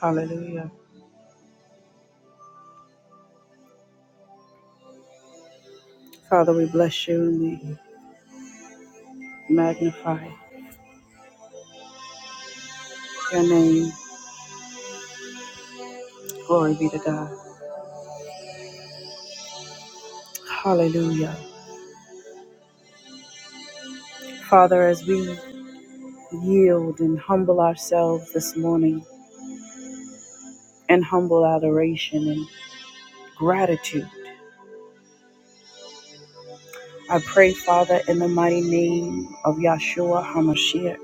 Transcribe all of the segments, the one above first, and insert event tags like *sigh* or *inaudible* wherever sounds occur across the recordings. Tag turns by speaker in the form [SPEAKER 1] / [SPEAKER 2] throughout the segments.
[SPEAKER 1] Hallelujah. Father, we bless you and we magnify your name. Glory be to God. Hallelujah. Father, as we yield and humble ourselves this morning in humble adoration and gratitude, I pray, Father, in the mighty name of Yahshua HaMashiach,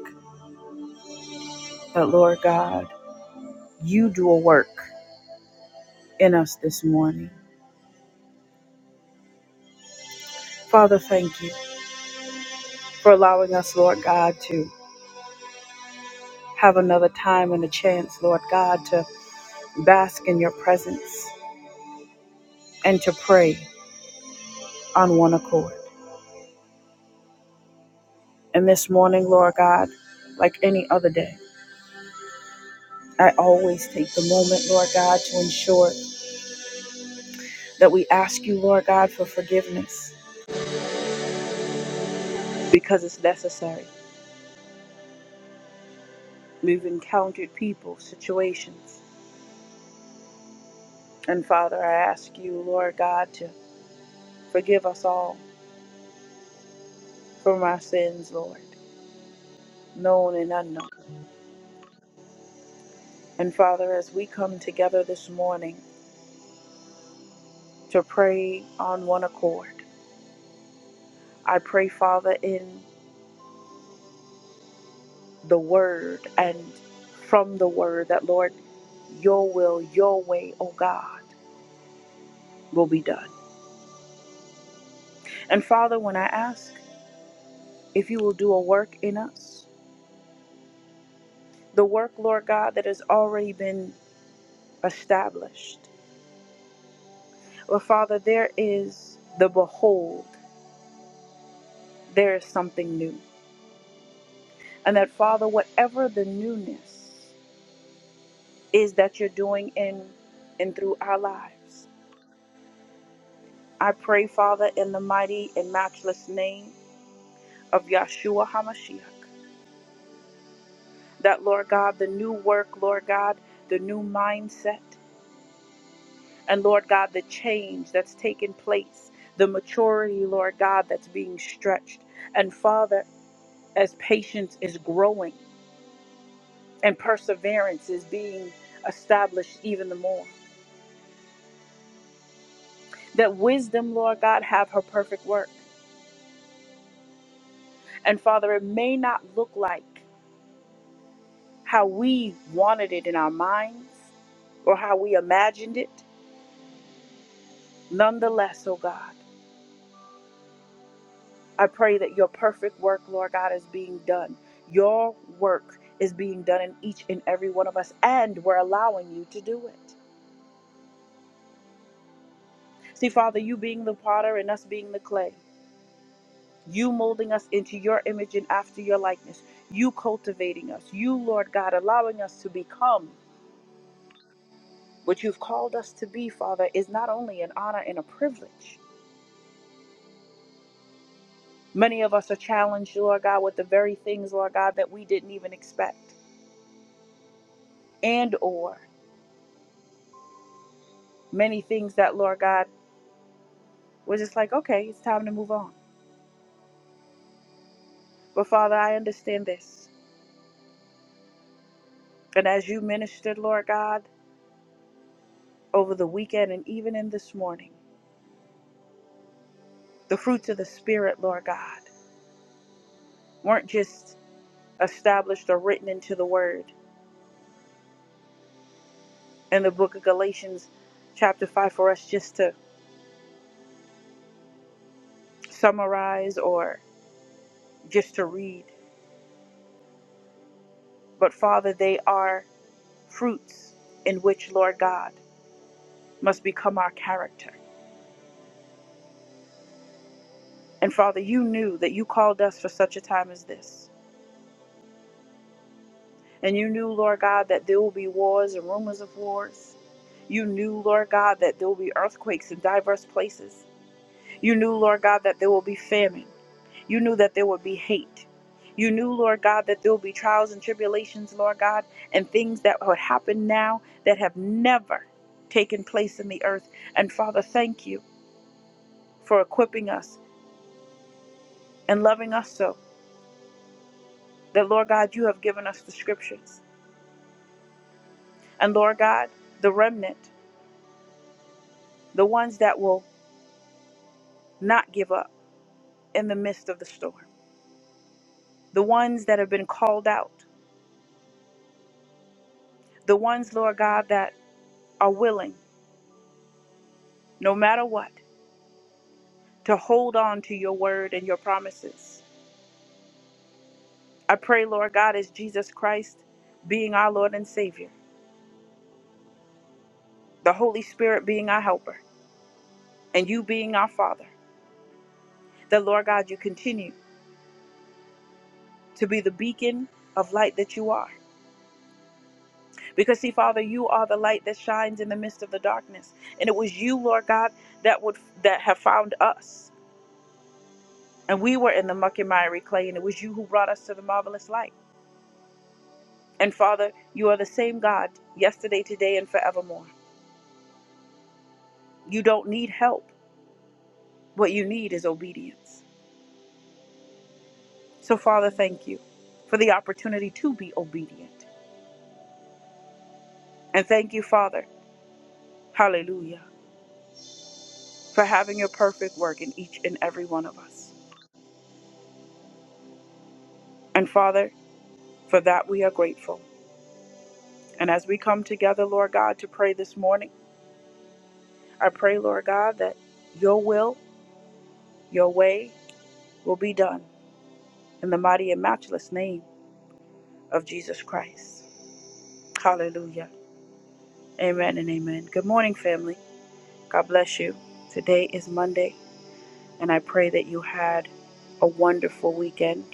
[SPEAKER 1] that Lord God, you do a work in us this morning. Father, thank you for allowing us, Lord God, to have another time and a chance, Lord God, to bask in your presence, and to pray on one accord. And this morning, Lord God, like any other day, I always take the moment, Lord God, to ensure that we ask you, Lord God, for forgiveness because it's necessary. We've encountered people, situations. And Father, I ask you, Lord God, to forgive us all from our sins, Lord, known and unknown. And Father, as we come together this morning to pray on one accord, I pray, Father, in the word and from the word that, Lord, your will, your way, oh God, will be done. And Father, when I ask if you will do a work in us, the work, Lord God, that has already been established. Well, Father, there is the behold, there is something new. And that, Father, whatever the newness is that you're doing in and through our lives, I pray, Father, in the mighty and matchless name of Yahshua HaMashiach, that, Lord God, the new work, Lord God, the new mindset, and Lord God, the change that's taken place, the maturity, Lord God, that's being stretched. And Father, as patience is growing and perseverance is being established even the more, that wisdom, Lord God, have her perfect work. And Father, it may not look like how we wanted it in our minds or how we imagined it. Nonetheless, oh God, I pray that your perfect work, Lord God, is being done. Your work is being done in each and every one of us, and we're allowing you to do it. See, Father, you being the potter and us being the clay, you molding us into your image and after your likeness, you cultivating us, you, Lord God, allowing us to become what you've called us to be, Father, is not only an honor and a privilege Many of us are challenged, Lord God, with the very things, Lord God, that we didn't even expect. And or many things that, Lord God, we're just like, okay, it's time to move on. But Father, I understand this. And as you ministered, Lord God, over the weekend and even in this morning, the fruits of the Spirit, Lord God, weren't just established or written into the Word in the book of Galatians, chapter 5, for us just to summarize or just to read. But Father, they are. fruits in which, Lord God, must become our character. And Father, you knew that you called us for such a time as this. And you knew, Lord God, that there will be wars and rumors of wars. You knew, Lord God, that there will be earthquakes in diverse places. You knew, Lord God, that there will be famine. You knew that there would be hate. You knew, Lord God, that there will be trials and tribulations, Lord God, and things that would happen now that have never taken place in the earth. And Father, thank you for equipping us and loving us so that, Lord God, you have given us the scriptures. And Lord God, the remnant, the ones that will not give up in the midst of the storm, the ones that have been called out, the ones, Lord God, that are willing, no matter what, to hold on to your word and your promises. I pray, Lord God, as Jesus Christ being our Lord and Savior, the Holy Spirit being our helper, and you being our Father, that, Lord God, you continue to be the beacon of light that you are Because, see, Father, you are the light that shines in the midst of the darkness. And it was you, Lord God, that would that have found us. And we were in the muck and miry clay, and it was you who brought us to the marvelous light. And Father, you are the same God yesterday, today, and forevermore. You don't need help. What you need is obedience. So, Father, thank you for the opportunity to be obedient. And thank you, Father, hallelujah, for having your perfect work in each and every one of us. And Father, for that we are grateful. And as we come together, Lord God, to pray this morning, I pray, Lord God, that your will, your way will be done in the mighty and matchless name of Jesus Christ. Hallelujah. Amen and amen. Good morning, family. God bless you. Today is Monday, and I pray that you had a wonderful weekend.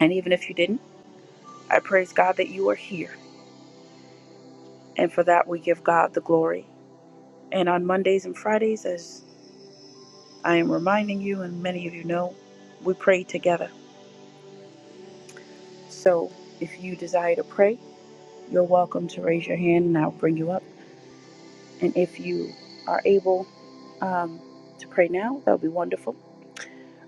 [SPEAKER 1] And even if you didn't, I praise God that you are here. And for that, we give God the glory. And on Mondays and Fridays, as I am reminding you, and many of you know, we pray together. So if you desire to pray, you're welcome to raise your hand and I'll bring you up. And if you are able um, to pray now, that would be wonderful.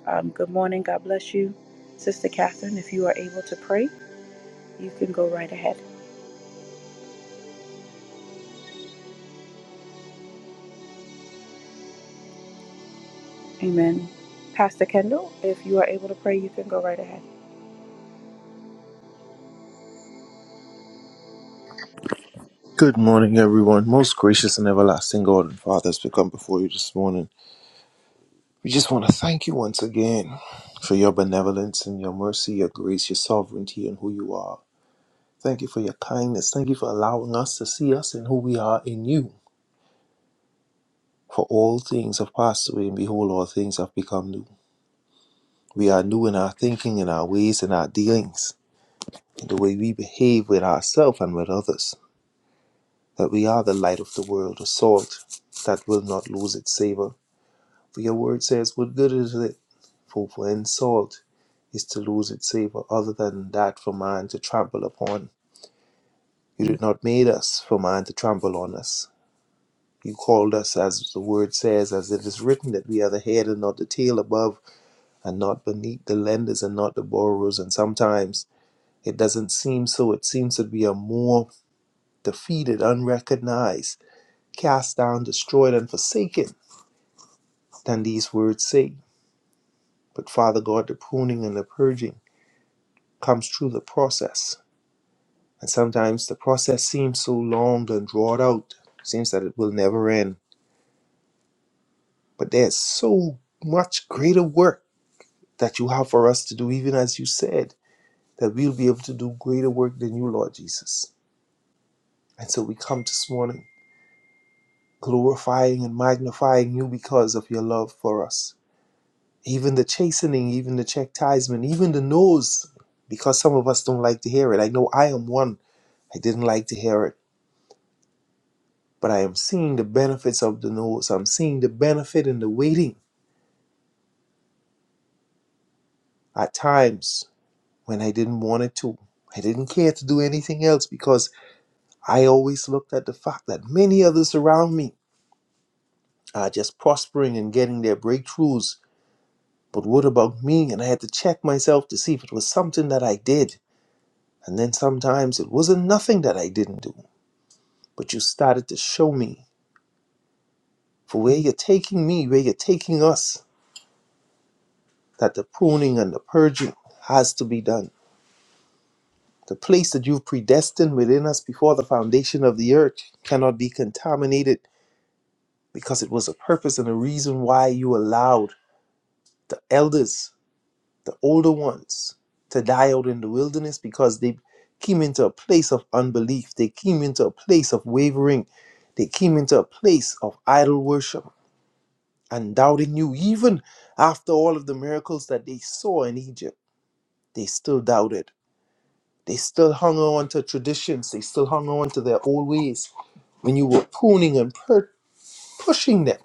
[SPEAKER 1] Um, good morning. God bless you. Sister Catherine, if you are able to pray, you can go right ahead. Amen. Pastor Kendall, if you are able to pray, you can go right ahead.
[SPEAKER 2] Good morning, everyone. Most gracious and everlasting God and Father, as we come before you this morning, we just want to thank you once again for your benevolence and your mercy, your grace, your sovereignty, and who you are. Thank you for your kindness. Thank you for allowing us to see us and who we are in you. For all things have passed away, and behold, all things have become new. We are new in our thinking, in our ways, in our dealings, in the way we behave with ourselves and with others. That we are the light of the world, a salt that will not lose its savor For your word says, What good is it for, for insult is to lose its savor, other than that for man to trample upon? You did not made us for man to trample on us. You called us, as the word says, as it is written, that we are the head and not the tail, above and not beneath, the lenders and not the borrowers. And sometimes it doesn't seem so. It seems that we are more defeated, unrecognized, cast down, destroyed, and forsaken than these words say. But Father God, the pruning and the purging, comes through the process. And sometimes the process seems so long and drawn out, seems that it will never end. But there's so much greater work that you have for us to do, even as you said, that we'll be able to do greater work than you, Lord Jesus. And so we come this morning glorifying and magnifying you because of your love for us. Even the chastening, even the chastisement, even the no's, because some of us don't like to hear it. I know I am one. I didn't like to hear it but I am seeing the benefits of the notes. I'm seeing the benefit in the waiting at times when I didn't want it to. I didn't care to do anything else because I always looked at the fact that many others around me are just prospering and getting their breakthroughs. But what about me? And I had to check myself to see if it was something that I did. And then sometimes it wasn't nothing that I didn't do. But you started to show me for where you're taking me, where you're taking us, that the pruning and the purging has to be done The place that you've predestined within us before the foundation of the earth cannot be contaminated because it was a purpose and a reason why you allowed the elders, the older ones, to die out in the wilderness because they came into a place of unbelief. They came into a place of wavering. They came into a place of idol worship and doubting you. Even after all of the miracles that they saw in Egypt, they still doubted. They still hung on to traditions. They still hung on to their old ways when you were pruning and per- pushing them,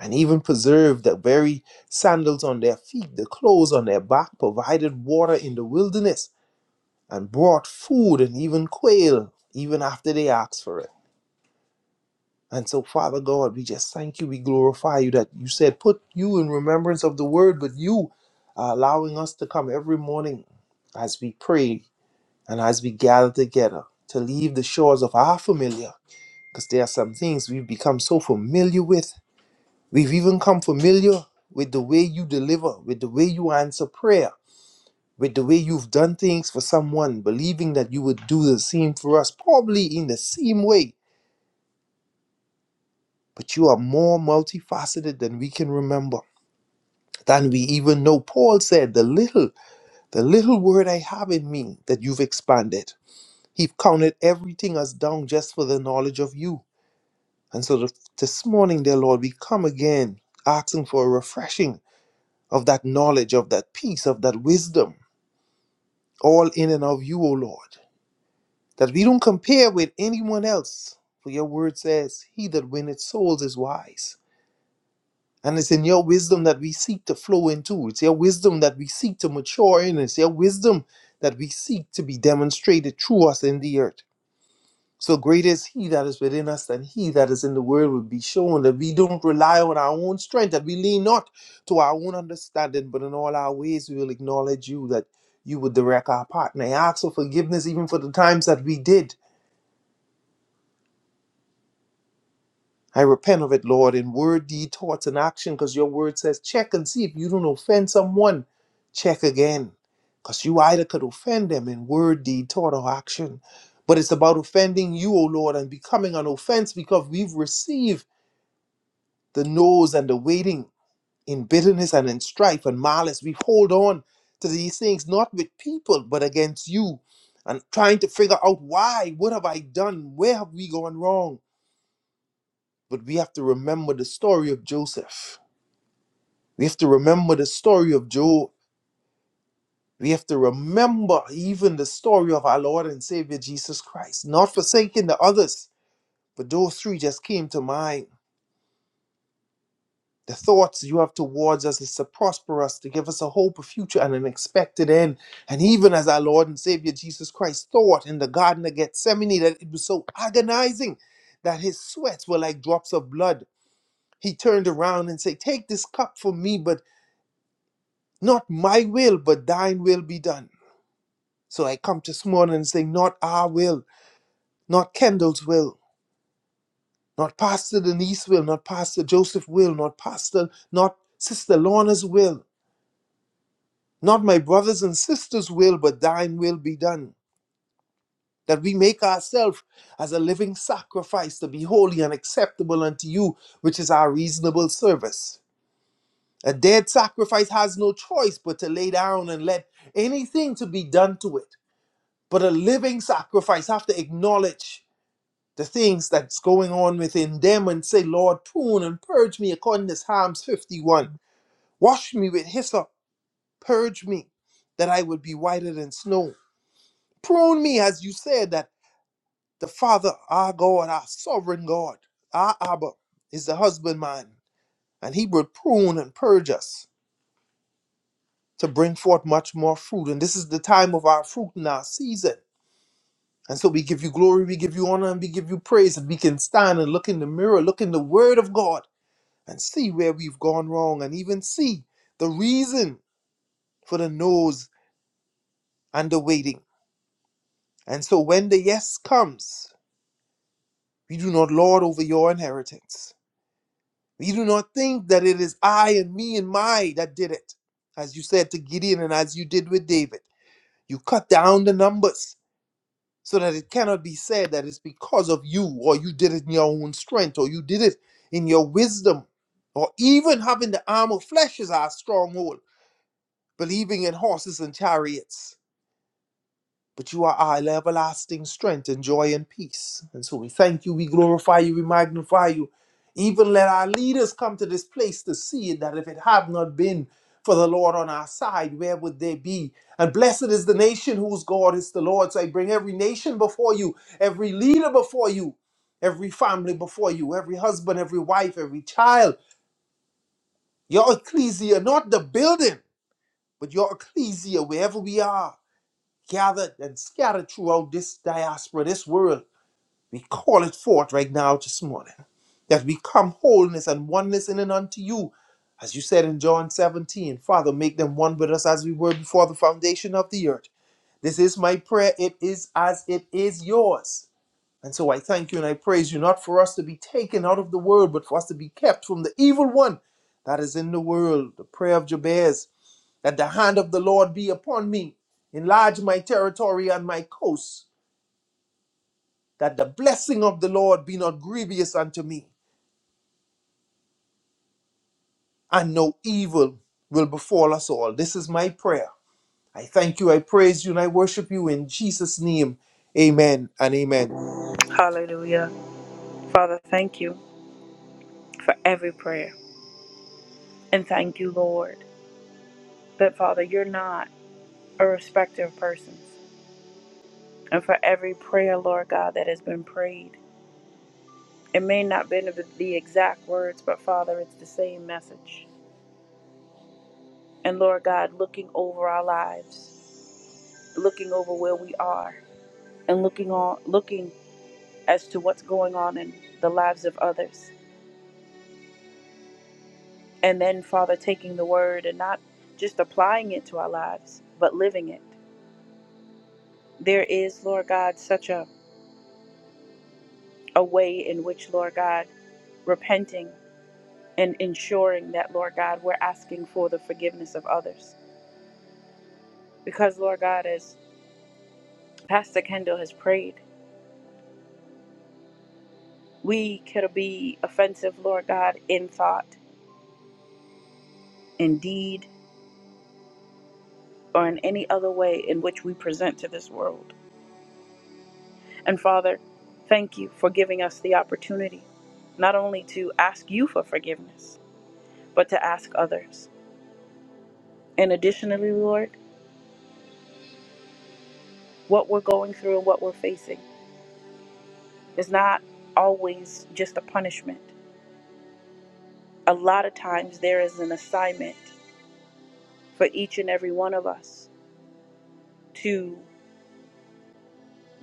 [SPEAKER 2] and even preserved the very sandals on their feet, the clothes on their back, provided water in the wilderness, and brought food and even quail, even after they asked for it. And so, Father God, we just thank you, we glorify you that you said, put you in remembrance of the word, but you are allowing us to come every morning as we pray and as we gather together to leave the shores of our familiar, because there are some things we've become so familiar with We've even come familiar with the way you deliver, with the way you answer prayer, with the way you've done things for someone, believing that you would do the same for us, probably in the same way. But you are more multifaceted than we can remember, than we even know. Paul said, The little, the little word I have in me that you've expanded. He counted everything as dung just for the knowledge of you. And so th- this morning, dear Lord, we come again asking for a refreshing of that knowledge, of that peace, of that wisdom, all in and of you, O Lord, that we don't compare with anyone else. For your word says, He that winneth souls is wise. And it's in your wisdom that we seek to flow into. It's your wisdom that we seek to mature in. It's your wisdom that we seek to be demonstrated through us in the earth. So great is He that is within us than He that is in the world will be shown that we don't rely on our own strength, that we lean not to our own understanding, but in all our ways we will acknowledge you that you would direct our path. And I ask for forgiveness even for the times that we did. I repent of it, Lord, in word, deed, thoughts, and action, because your word says, check and see if you don't offend someone. Check again, because you either could offend them in word, deed, thought, or action. But it's about offending you, O Lord, and becoming an offense because we've received the nose and the waiting in bitterness and in strife and malice. We hold on to these things not with people but against you and trying to figure out why, what have I done? Where have we gone wrong? But we have to remember the story of Joseph. We have to remember the story of Job. We have to remember even the story of our Lord and Savior Jesus Christ, not forsaking the others. But those three just came to mind The thoughts you have towards us is to prosper us, to give us a hope, a future, and an expected end. And even as our Lord and Savior Jesus Christ thought in the Garden of Gethsemane that it was so agonizing that his sweats were like drops of blood, he turned around and said, Take this cup from me, but not my will, but thine will be done. So I come this morning and say, Not our will, not Kendall's will, not Pastor Denise's will, not Pastor Joseph's will, not Pastor, not Sister Lorna's will, Not my brothers and sisters' will, but thine will be done. That we make ourselves as a living sacrifice to be holy and acceptable unto you, which is our reasonable service. A dead sacrifice has no choice but to lay down and let anything to be done to it. But a living sacrifice have to acknowledge the things that's going on within them and say, Lord, prune and purge me according to Psalms 51. Wash me with hyssop, purge me, that I would be whiter than snow. Prune me, as you said, that the Father, our God, our sovereign God, our Abba, is the husbandman, and he will prune and purge us to bring forth much more fruit. And this is the time of our fruit and our season. And so we give you glory, we give you honor, and we give you praise. And we can stand and look in the mirror, look in the Word of God, and see where we've gone wrong, and even see the reason for the no's and the waiting. And so when the yes comes, we do not lord over your inheritance You do not think that it is I and me and my that did it, as you said to Gideon and as you did with David. You cut down the numbers so that it cannot be said that it's because of you or you did it in your own strength or you did it in your wisdom or even having the arm of flesh as our stronghold, believing in horses and chariots but you are our everlasting strength and joy and peace. And so we thank you, we glorify you, we magnify you. Even let our leaders come to this place to see it, that if it had not been for the Lord on our side, where would they be? And blessed is the nation whose God is the Lord. So I bring every nation before you, every leader before you, every family before you, every husband, every wife, every child, your ecclesia, not the building, but your ecclesia, wherever we are gathered and scattered throughout this diaspora, this world. We call it forth right now this morning that we come wholeness and oneness in and unto you. As you said in John 17, Father, make them one with us as we were before the foundation of the earth. This is my prayer. It is as it is yours. And so I thank you and I praise you, not for us to be taken out of the world, but for us to be kept from the evil one that is in the world. The prayer of Jabez that the hand of the Lord be upon me. Enlarge my territory and my coasts. that the blessing of the Lord be not grievous unto me, and no evil will befall us all. This is my prayer. I thank you, I praise you, and I worship you in Jesus' name. Amen and amen.
[SPEAKER 1] Hallelujah. Father, thank you for every prayer. And thank you, Lord, that Father, you're not a respecter of persons. And for every prayer, Lord God, that has been prayed. It may not be the exact words, but Father, it's the same message. And Lord God, looking over our lives, looking over where we are, and looking on looking as to what's going on in the lives of others. And then Father taking the word and not just applying it to our lives, but living it. There is, Lord God, such a, a way in which, Lord God, repenting and ensuring that, Lord God, we're asking for the forgiveness of others. Because, Lord God, as Pastor Kendall has prayed. We could be offensive, Lord God, in thought, in deed, or in any other way in which we present to this world. And Father, thank you for giving us the opportunity not only to ask you for forgiveness, but to ask others. And additionally, Lord, what we're going through and what we're facing is not always just a punishment. A lot of times there is an assignment for each and every one of us to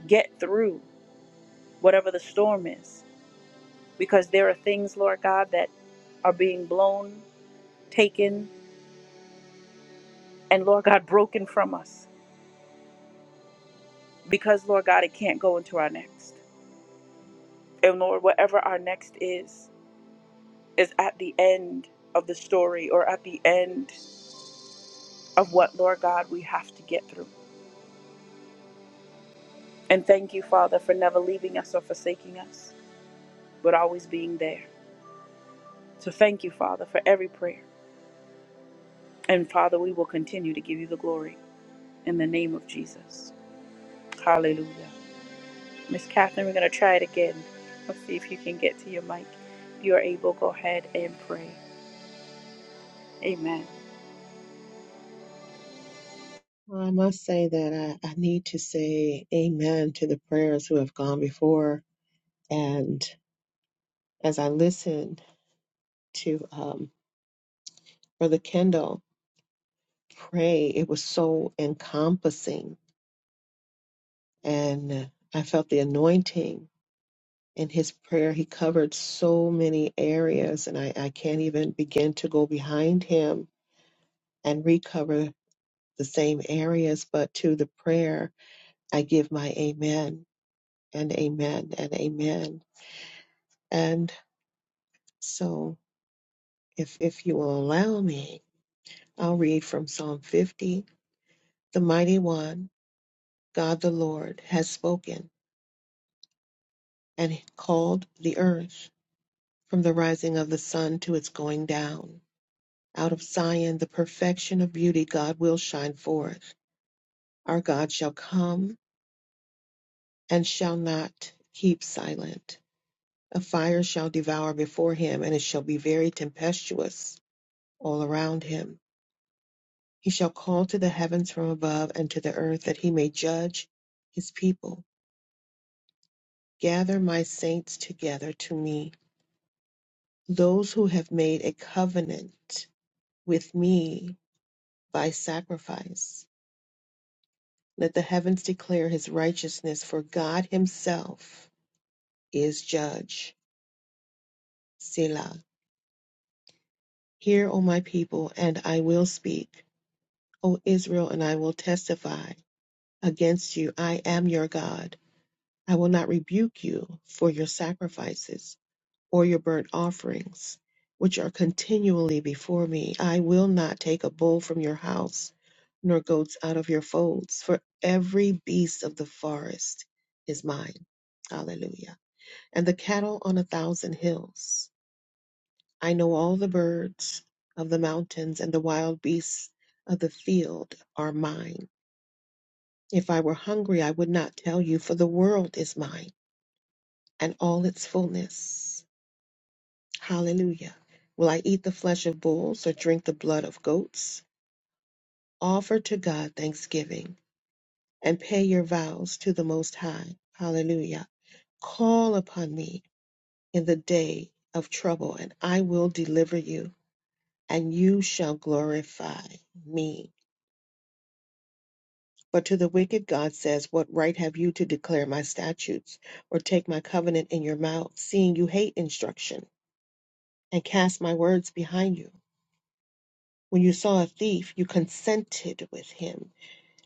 [SPEAKER 1] get through whatever the storm is. Because there are things, Lord God, that are being blown, taken, and Lord God, broken from us. Because, Lord God, it can't go into our next. And Lord, whatever our next is, is at the end of the story or at the end of what, Lord God, we have to get through. And thank you, Father, for never leaving us or forsaking us, but always being there. So thank you, Father, for every prayer. And Father, we will continue to give you the glory in the name of Jesus. Hallelujah. Miss Catherine, we're going to try it again. Let's see if you can get to your mic. If you are able, go ahead and pray. Amen.
[SPEAKER 3] Well, I must say that I, I need to say amen to the prayers who have gone before. And as I listened to um, Brother Kendall pray, it was so encompassing. And I felt the anointing in his prayer. He covered so many areas, and I, I can't even begin to go behind him and recover the same areas. But to the prayer, I give my amen and amen and amen. and. So if if you will allow me, I'll read from Psalm 50. The mighty one, God the Lord, has spoken and called the earth from the rising of the sun to its going down. Out of Zion, the perfection of beauty, God will shine forth. Our God shall come and shall not keep silent. A fire shall devour before him, and it shall be very tempestuous all around him. He shall call to the heavens from above and to the earth that he may judge his people. Gather my saints together to me, those who have made a covenant with me by sacrifice. Let the heavens declare his righteousness, for God himself is judge. Selah. Hear, O my people, and I will speak. O Israel, and I will testify against you. I am your God. I will not rebuke you for your sacrifices or your burnt offerings, which are continually before me. I will not take a bull from your house, nor goats out of your folds, for every beast of the forest is mine. Hallelujah. And the cattle on a thousand hills. I know all the birds of the mountains and the wild beasts of the field are mine. If I were hungry, I would not tell you, for the world is mine and all its fullness Hallelujah. Will I eat the flesh of bulls or drink the blood of goats? Offer to God thanksgiving and pay your vows to the Most High. Hallelujah. Call upon me in the day of trouble, and I will deliver you, and you shall glorify me. But to the wicked, God says, What right have you to declare my statutes or take my covenant in your mouth, seeing you hate instruction and cast my words behind you? When you saw a thief, you consented with him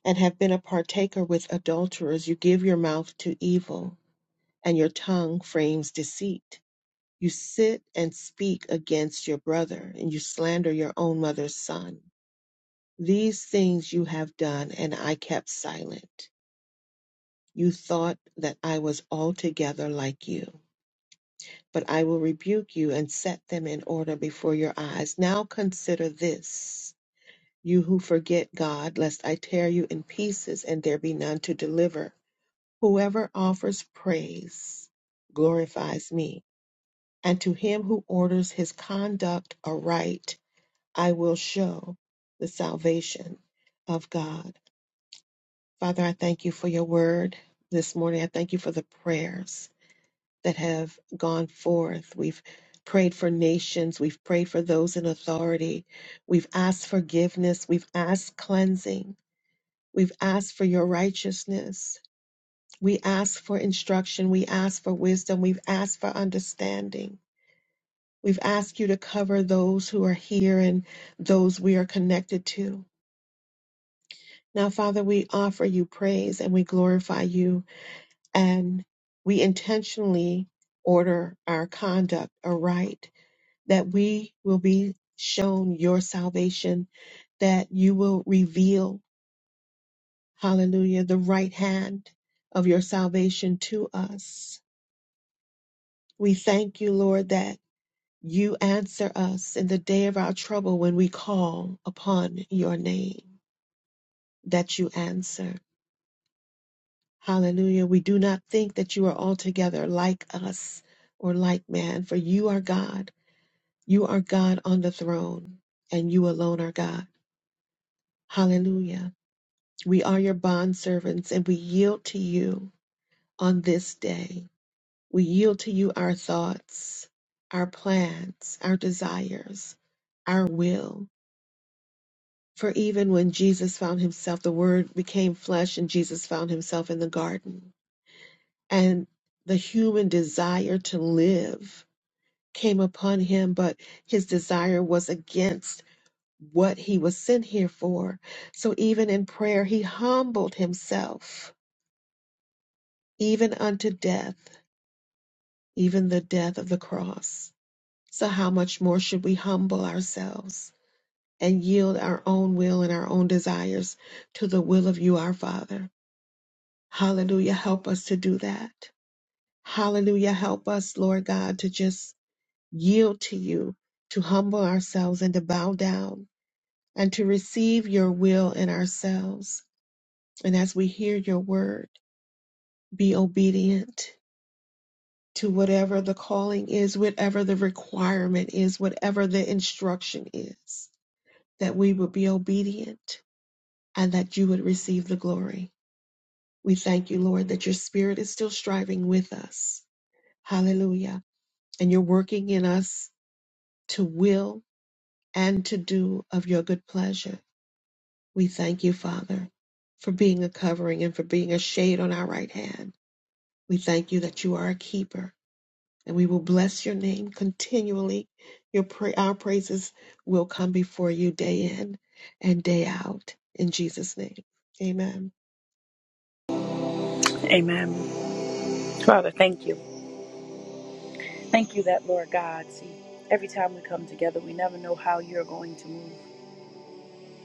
[SPEAKER 3] and have been a partaker with adulterers. You give your mouth to evil, and your tongue frames deceit. You sit and speak against your brother, and you slander your own mother's son. These things you have done, and I kept silent. You thought that I was altogether like you. But I will rebuke you and set them in order before your eyes. Now consider this, you who forget God, lest I tear you in pieces and there be none to deliver. Whoever offers praise glorifies me, and to him who orders his conduct aright, I will show the salvation of God. Father, I thank you for your word this morning. I thank you for the prayers that have gone forth. We've prayed for nations, we've prayed for those in authority, we've asked forgiveness, we've asked cleansing, we've asked for your righteousness. We ask for instruction. We ask for wisdom. We've asked for understanding. We've asked you to cover those who are here and those we are connected to. Now, Father, we offer you praise and we glorify you, and we intentionally order our conduct aright that we will be shown your salvation, that you will reveal, hallelujah, the right hand of your salvation to us. We thank you, Lord, that. You answer us in the day of our trouble when we call upon your name, that you answer. Hallelujah. We do not think that you are altogether like us or like man, for you are God. You are God on the throne, and you alone are God. Hallelujah. We are your bondservants, and we yield to you on this day. We yield to you our thoughts, our plans, our desires, our will. For even when Jesus found himself, the Word became flesh and Jesus found himself in the garden. And the human desire to live came upon him, but his desire was against what he was sent here for. So even in prayer, he humbled himself, even unto death, even the death of the cross. So, how much more should we humble ourselves and yield our own will and our own desires to the will of you, our Father? Hallelujah. Help us to do that. Hallelujah. Help us, Lord God, to just yield to you, to humble ourselves and to bow down and to receive your will in ourselves. And as we hear your word, be obedient to whatever the calling is, whatever the requirement is, whatever the instruction is, that we would be obedient and that you would receive the glory. We thank you, Lord, that your spirit is still striving with us. Hallelujah and you're working in us to will and to do of your good pleasure. We thank you, Father, for being a covering and for being a shade on our right hand. We thank you that you are a keeper, and we will bless your name continually. Your pra- our praises will come before you day in and day out. In Jesus' name, amen.
[SPEAKER 1] Amen. Father, thank you. Thank you that, Lord God, see, every time we come together, we never know how you're going to move.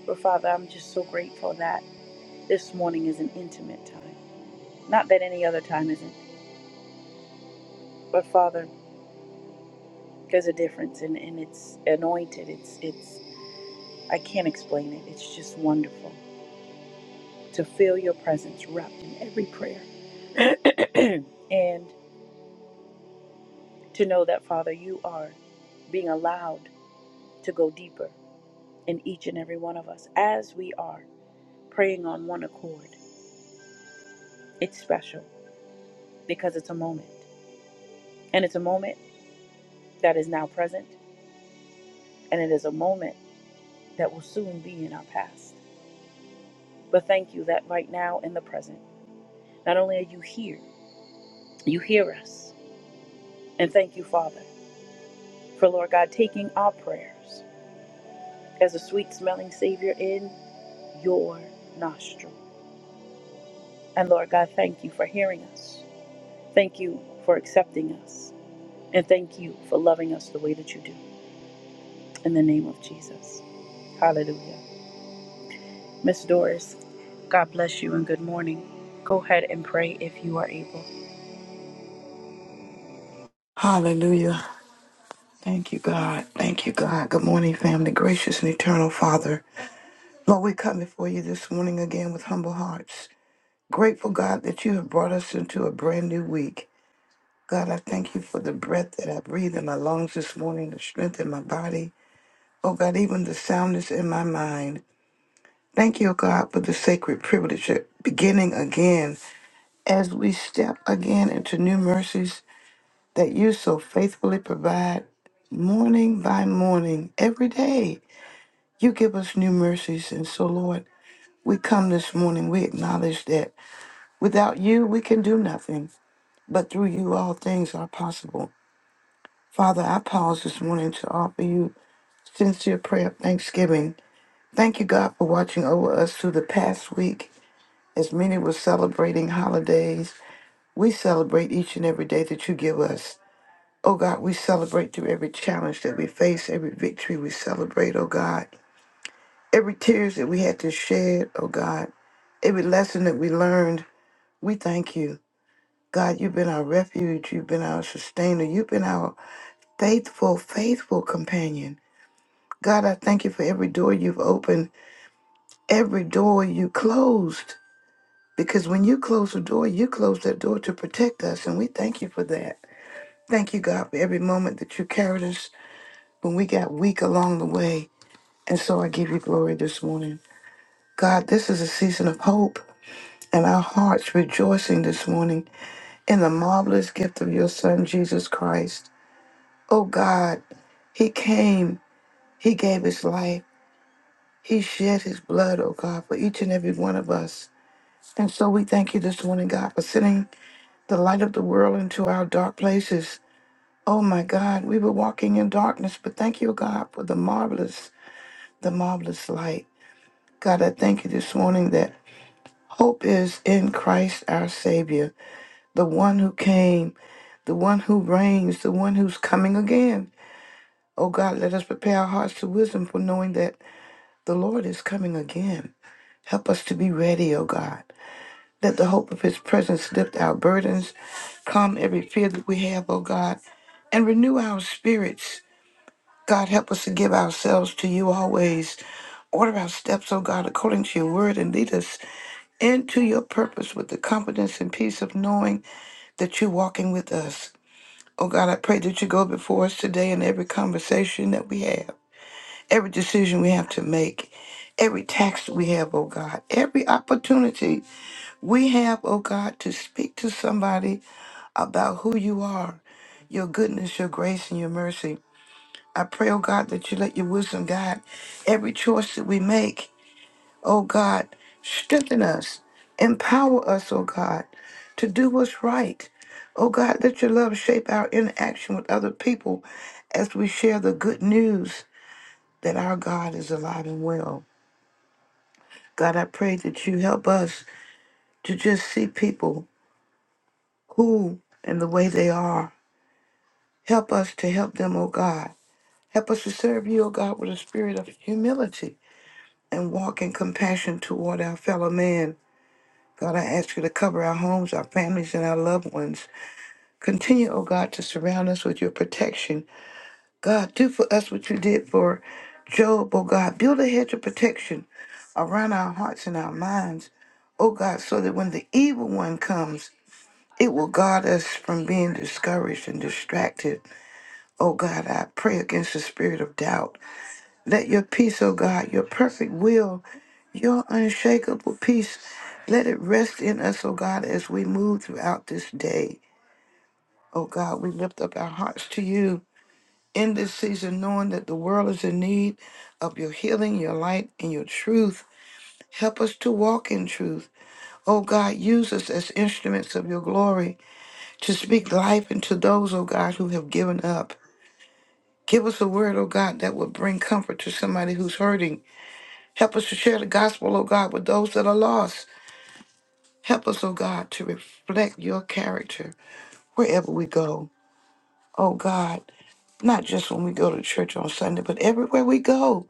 [SPEAKER 1] But Father, I'm just so grateful that this morning is an intimate time. Not that any other time isn't, but Father, there's a difference and, and it's anointed. It's, it's, I can't explain it. It's just wonderful. to feel your presence wrapped in every prayer. *clears throat* and to know that, Father, you are being allowed to go deeper in each and every one of us as we are praying on one accord. It's special because it's a moment. And it's a moment that is now present, and it is a moment that will soon be in our past. But thank you that right now in the present, not only are you here, you hear us. And thank you, Father, for Lord God taking our prayers. as a sweet smelling Savior in your nostril. And Lord God, thank you for hearing us. Thank you for accepting us. And thank you for loving us the way that you do. In the name of Jesus. Hallelujah. Miss Doris, God bless you and good morning. Go ahead and pray if you are able.
[SPEAKER 4] Hallelujah. Thank you, God. Thank you, God. Good morning, family. Gracious and eternal Father. Lord, we come before you this morning again with humble hearts. Grateful, God, that you have brought us into a brand new week. God, I thank you for the breath that I breathe in my lungs this morning, the strength in my body. Oh, God, even the soundness in my mind. Thank you, God, for the sacred privilege of beginning again as we step again into new mercies that you so faithfully provide morning by morning, every day. You give us new mercies. And so, Lord, we come this morning, we acknowledge that without you, we can do nothing, but through you, all things are possible. Father, I pause this morning to offer you sincere prayer of thanksgiving. Thank you, God, for watching over us through the past week. As many were celebrating holidays, we celebrate each and every day that you give us. Oh God, we celebrate through every challenge that we face, every victory we celebrate, oh God. Every tears that we had to shed, oh God. Every lesson that we learned, we thank you. God, you've been our refuge. You've been our sustainer. You've been our faithful, faithful companion. God, I thank you for every door you've opened, every door you closed. Because when you close a door, you close that door to protect us. And we thank you for that. Thank you, God, for every moment that you carried us when we got weak along the way. And so I give you glory this morning. God, this is a season of hope and our hearts rejoicing this morning in the marvelous gift of your Son, Jesus Christ. Oh God, He came, He gave His life, He shed His blood, oh God, for each and every one of us. And so we thank you this morning, God, for sending the light of the world into our dark places. Oh my God, we were walking in darkness, but thank you, oh, God, for the marvelous, the marvelous light. God, I thank you this morning that Hope is in Christ our Savior, the one who came, the one who reigns, the one who's coming again. Oh God, let us prepare our hearts to wisdom for knowing that the Lord is coming again. Help us to be ready, oh God. Let the hope of his presence lift our burdens, calm every fear that we have, oh God, and renew our spirits. God, help us to give ourselves to you always. Order our steps, O God, according to your word, and lead us into your purpose with the confidence and peace of knowing that you're walking with us. Oh God, I pray that you go before us today in every conversation that we have, every decision we have to make, every tax that we have, oh God, every opportunity we have, oh God, to speak to somebody about who you are, your goodness, your grace, and your mercy. I pray, oh God, that you let your wisdom guide every choice that we make. Oh God, strengthen us, empower us, oh God, to do what's right. Oh God, let your love shape our interaction with other people as we share the good news that our God is alive and well. God, I pray that you help us to just see people who and the way they are. Help us to help them, oh God. Help us to serve you, oh God, with a spirit of humility. and walk in compassion toward our fellow man. God, I ask you to cover our homes, our families, and our loved ones. Continue, O God, to surround us with your protection. God, do for us what you did for Job, O God. Build a hedge of protection around our hearts and our minds, O God, so that when the evil one comes, it will guard us from being discouraged and distracted. O God, I pray against the spirit of doubt. Let your peace, O God, your perfect will Your unshakable peace, let it rest in us, O God, as we move throughout this day. O God, we lift up our hearts to you in this season, knowing that the world is in need of your healing, your light, and your truth. Help us to walk in truth. O God, use us as instruments of your glory to speak life into those, O God, who have given up. Give us a word, O God, that will bring comfort to somebody who's hurting. Help us to share the gospel, O God, with those that are lost. Help us, oh God, to reflect your character wherever we go. Oh God, not just when we go to church on Sunday, but everywhere we go.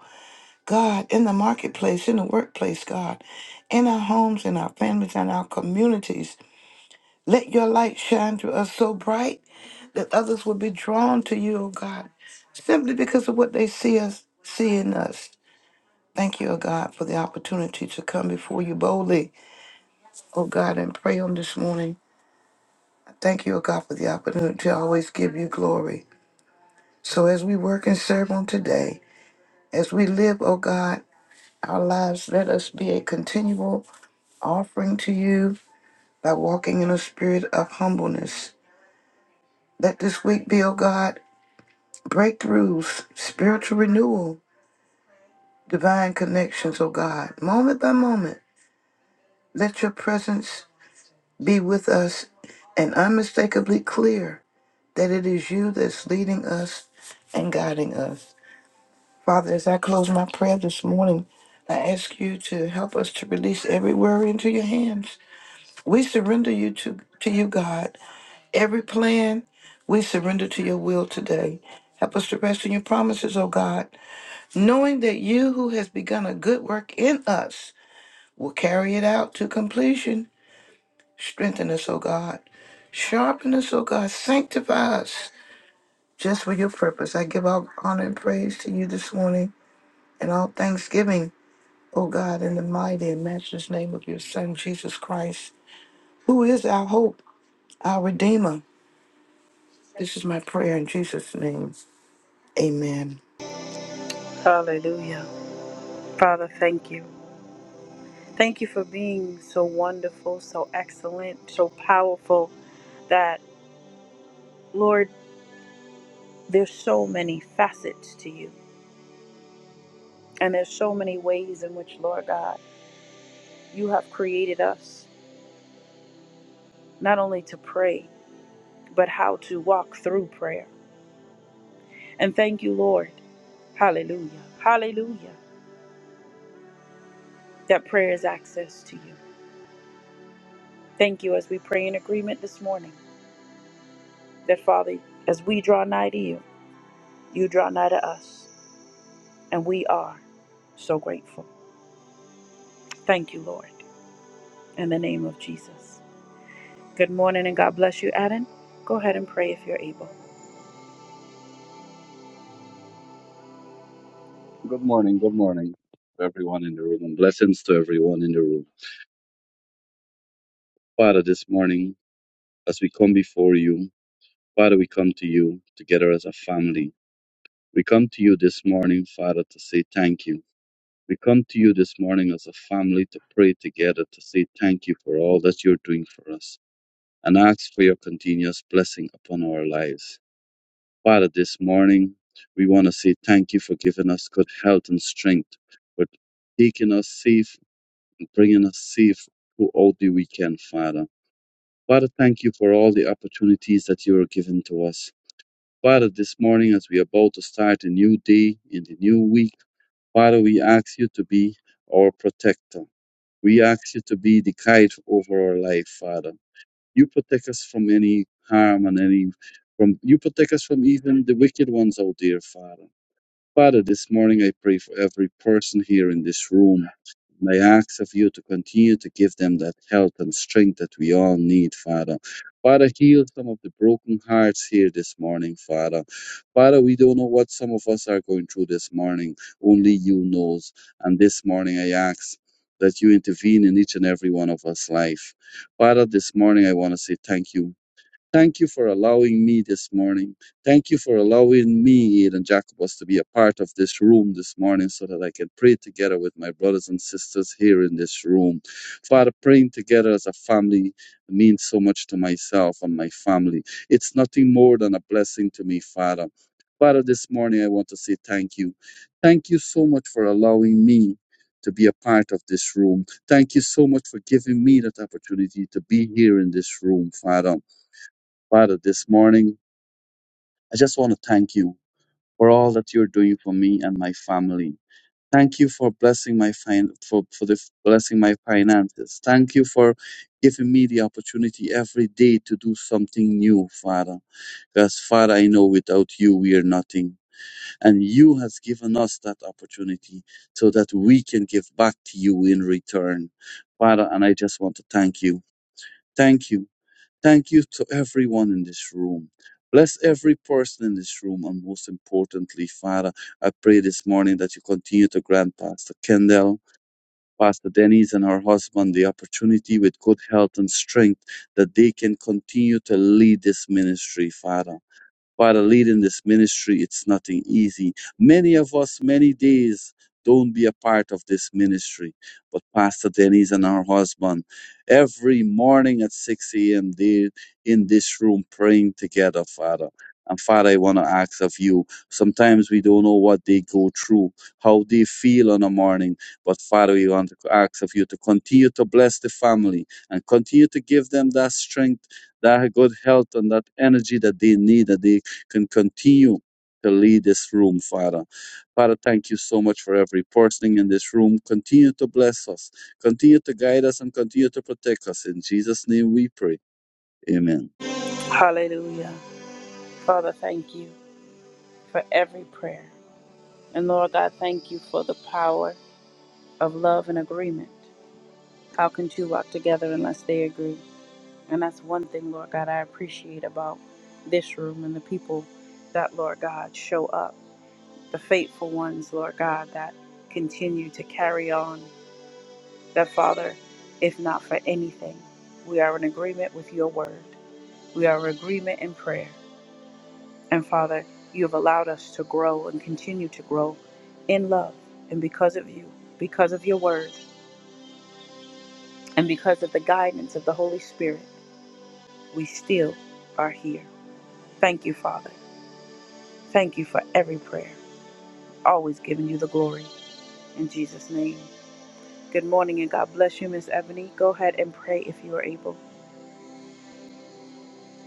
[SPEAKER 4] God, in the marketplace, in the workplace, God, in our homes, in our families, in our communities. Let your light shine through us so bright that others will be drawn to you, oh God, simply because of what they see us see in us. Thank you, oh God, for the opportunity to come before you boldly, oh God, and pray on this morning. Thank you, O God, for the opportunity to always give you glory. So as we work and serve on today, as we live, O God, our lives, let us be a continual offering to you by walking in a spirit of humbleness. Let this week be, O God, breakthroughs, spiritual renewal, divine connections, O God, moment by moment. Let your presence be with us and unmistakably clear that it is you that's leading us and guiding us. Father, as I close my prayer this morning, I ask you to help us to release every worry into your hands. We surrender you to, to you, God. Every plan, we surrender to your will today. Help us to rest in your promises, O God, knowing that you who has begun a good work in us will carry it out to completion. Strengthen us, O God. Sharpen us, O God. Sanctify us just for your purpose. I give all honor and praise to you this morning and all thanksgiving. O God, in the mighty and matchless name of your Son, Jesus Christ, who is our hope, our Redeemer. This is my prayer in Jesus' name. Amen.
[SPEAKER 1] Hallelujah. Father, thank you. Thank you for being so wonderful, so excellent, so powerful that, Lord, there's so many facets to you. And there's so many ways in which, Lord God, you have created us not only to pray, but how to walk through prayer. And thank you, Lord. Hallelujah. Hallelujah. That prayer is access to you. Thank you as we pray in agreement this morning that, Father, as we draw nigh to you, you draw nigh to us. And we are so grateful. Thank you, Lord, in the name of Jesus. Good morning and God bless you, Adam. Go ahead and pray if you're able.
[SPEAKER 5] Good morning, good morning to everyone in the room, and blessings to everyone in the room. Father, this morning, as we come before you, Father, we come to you together as a family. We come to you this morning, Father, to say thank you. We come to you this morning as a family to pray together, to say thank you for all that you're doing for us, and ask for your continuous blessing upon our lives. Father, this morning, we want to say thank you for giving us good health and strength, for taking us safely. bringing us safe throughout the weekend, Father. Father, thank you for all the opportunities that you are giving to us. Father, this morning as we are about to start a new day in the new week, Father, we ask you to be our protector. We ask you to be the guide over our life, Father. You protect us from any harm and any from you protect us from even the wicked ones out there, Father. Father, this morning I pray for every person here in this room. And I ask of you to continue to give them that health and strength that we all need, Father. Father, heal some of the broken hearts here this morning, Father. Father, we don't know what some of us are going through this morning. Only you knows. And this morning I ask that you intervene in each and every one of us' life. Father, this morning I want to say thank you Thank you for allowing me this morning. Thank you for allowing me, Eden Jacobus, to be a part of this room this morning so that I can pray together with my brothers and sisters here in this room. Father, praying together as a family means so much to myself and my family. It's nothing more than a blessing to me, Father. Father, this morning I want to say thank you. Thank you so much for allowing me to be a part of this room. Thank you so much for giving me that opportunity to be here in this room, Father. Father, this morning, I just want to thank you for all that you're doing for me and my family. Thank you for blessing my fin- for, for the blessing my finances. Thank you for giving me the opportunity every day to do something new, Father. Because Father, I know without you we are nothing. And you has given us that opportunity so that we can give back to you in return. Father, and I just want to thank you. Thank you Thank you to everyone in this room. Bless every person in this room. And most importantly, Father, I pray this morning that you continue to grant Pastor Kendall, Pastor Denise, and her husband the opportunity with good health and strength that they can continue to lead this ministry, Father. Father, leading this ministry, it's nothing easy. Many of us, many days, don't be a part of this ministry. But Pastor Denise and her husband, every morning at 6 a.m., they're in this room praying together, Father. And Father, I want to ask of you. Sometimes we don't know what they go through, how they feel on a morning. But Father, we want to ask of you to continue to bless the family and continue to give them that strength that good health and that energy that they need, that they can continue to lead this room, Father. Father, thank you so much for every person in this room. Continue to bless us, continue to guide us, and continue to protect us. In Jesus' name we pray. Amen.
[SPEAKER 1] Hallelujah. Father, thank you for every prayer. And Lord God, thank you for the power of love and agreement. How can two walk together unless they agree? And that's one thing, Lord God, I appreciate about this room and the people that, Lord God, show up. The faithful ones, Lord God, that continue to carry on that, Father, if not for anything, we are in agreement with your word. We are in agreement in prayer. And Father, you have allowed us to grow and continue to grow in love. And because of you, because of your word, and because of the guidance of the Holy Spirit, we still are here. Thank you, Father. Thank you for every prayer. Always giving you the glory. In Jesus' name. Good morning and God bless you, Miss Ebony. Go ahead and pray if you are able.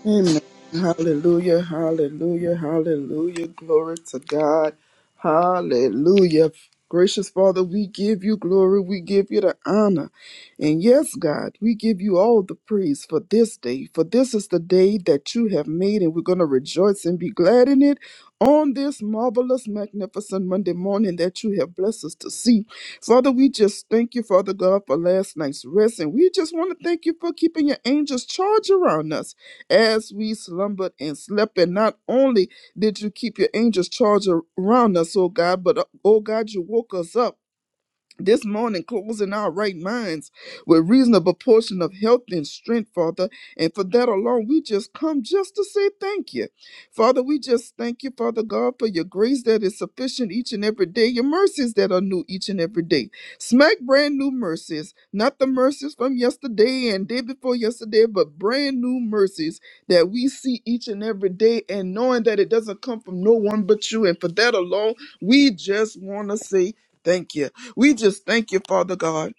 [SPEAKER 6] Amen. Hallelujah. Hallelujah. Hallelujah. Glory to God. Hallelujah. Gracious Father, we give you glory. We give you the honor. And yes, God, we give you all the praise for this day. For this is the day that you have made, and we're going to rejoice and be glad in it on this marvelous, magnificent Monday morning that you have blessed us to see. Father, we just thank you, Father God, for last night's rest. And we just want to thank you for keeping your angels charge around us as we slumbered and slept. And not only did you keep your angels charged around us, oh God, but uh, oh God, you woke us up this morning, closing our right minds with reasonable portion of health and strength, Father. And for that alone, we just come just to say thank you. Father, we just thank you, Father God, for your grace that is sufficient each and every day, your mercies that are new each and every day. Smack brand new mercies, not the mercies from yesterday and day before yesterday, but brand new mercies that we see each and every day and knowing that it doesn't come from no one but you. And for that alone, we just want to say thank you. We just thank you, Father God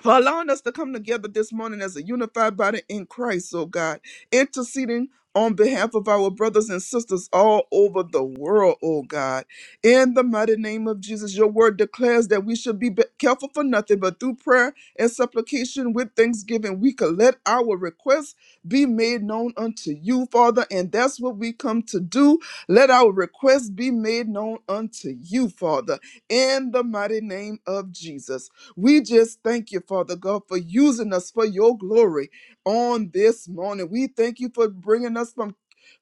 [SPEAKER 6] for allowing us to come together this morning as a unified body in Christ, oh God, interceding on behalf of our brothers and sisters all over the world, oh God. In the mighty name of Jesus, your word declares that we should be be- careful for nothing, but through prayer and supplication with thanksgiving, we could let our requests be made known unto you, Father, and that's what we come to do. Let our requests be made known unto you, Father, in the mighty name of Jesus. We just thank you, Father God, for using us for your glory on this morning. We thank you for bringing us from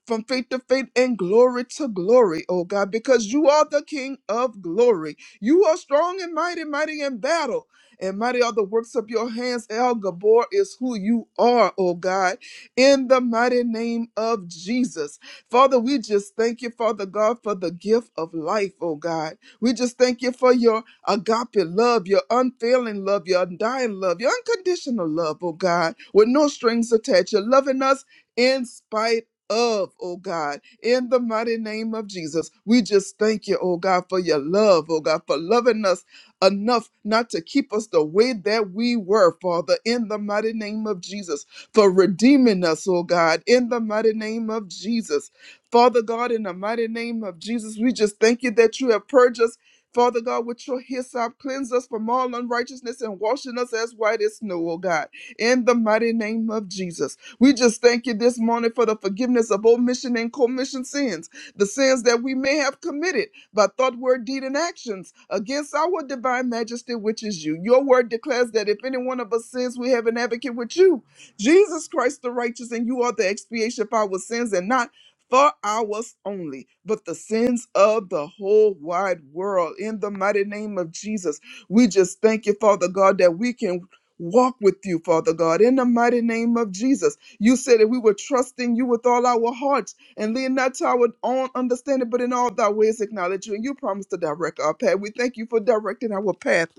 [SPEAKER 6] from faith to faith and glory to glory, oh God, because you are the King of glory. You are strong and mighty, mighty in battle, and mighty are the works of your hands. El Gabor is who you are, oh God, in the mighty name of Jesus. Father, we just thank you, Father God, for the gift of life, oh God. We just thank you for your agape love, your unfailing love, your undying love, your unconditional love, oh God, with no strings attached. You're loving us in spite of, oh God, in the mighty name of Jesus. We just thank you, oh God, for your love, oh God, for loving us enough not to keep us the way that we were, Father, in the mighty name of Jesus, for redeeming us, oh God, in the mighty name of Jesus. Father God, in the mighty name of Jesus, we just thank you that you have purged us Father God, with your hyssop, cleanse us from all unrighteousness and washing us as white as snow, oh God. In the mighty name of Jesus. We just thank you this morning for the forgiveness of omission and commission sins, the sins that we may have committed by thought, word, deed, and actions against our divine majesty, which is you. Your word declares that if any one of us sins, we have an advocate with you, Jesus Christ the righteous, and you are the expiation for our sins and not for ours only, but the sins of the whole wide world. In the mighty name of Jesus, we just thank you, Father God, that we can walk with you, Father God, in the mighty name of Jesus. You said that we were trusting you with all our hearts and lean not to our own understanding, but in all thy ways acknowledge you, and you promise to direct our path. We thank you for directing our path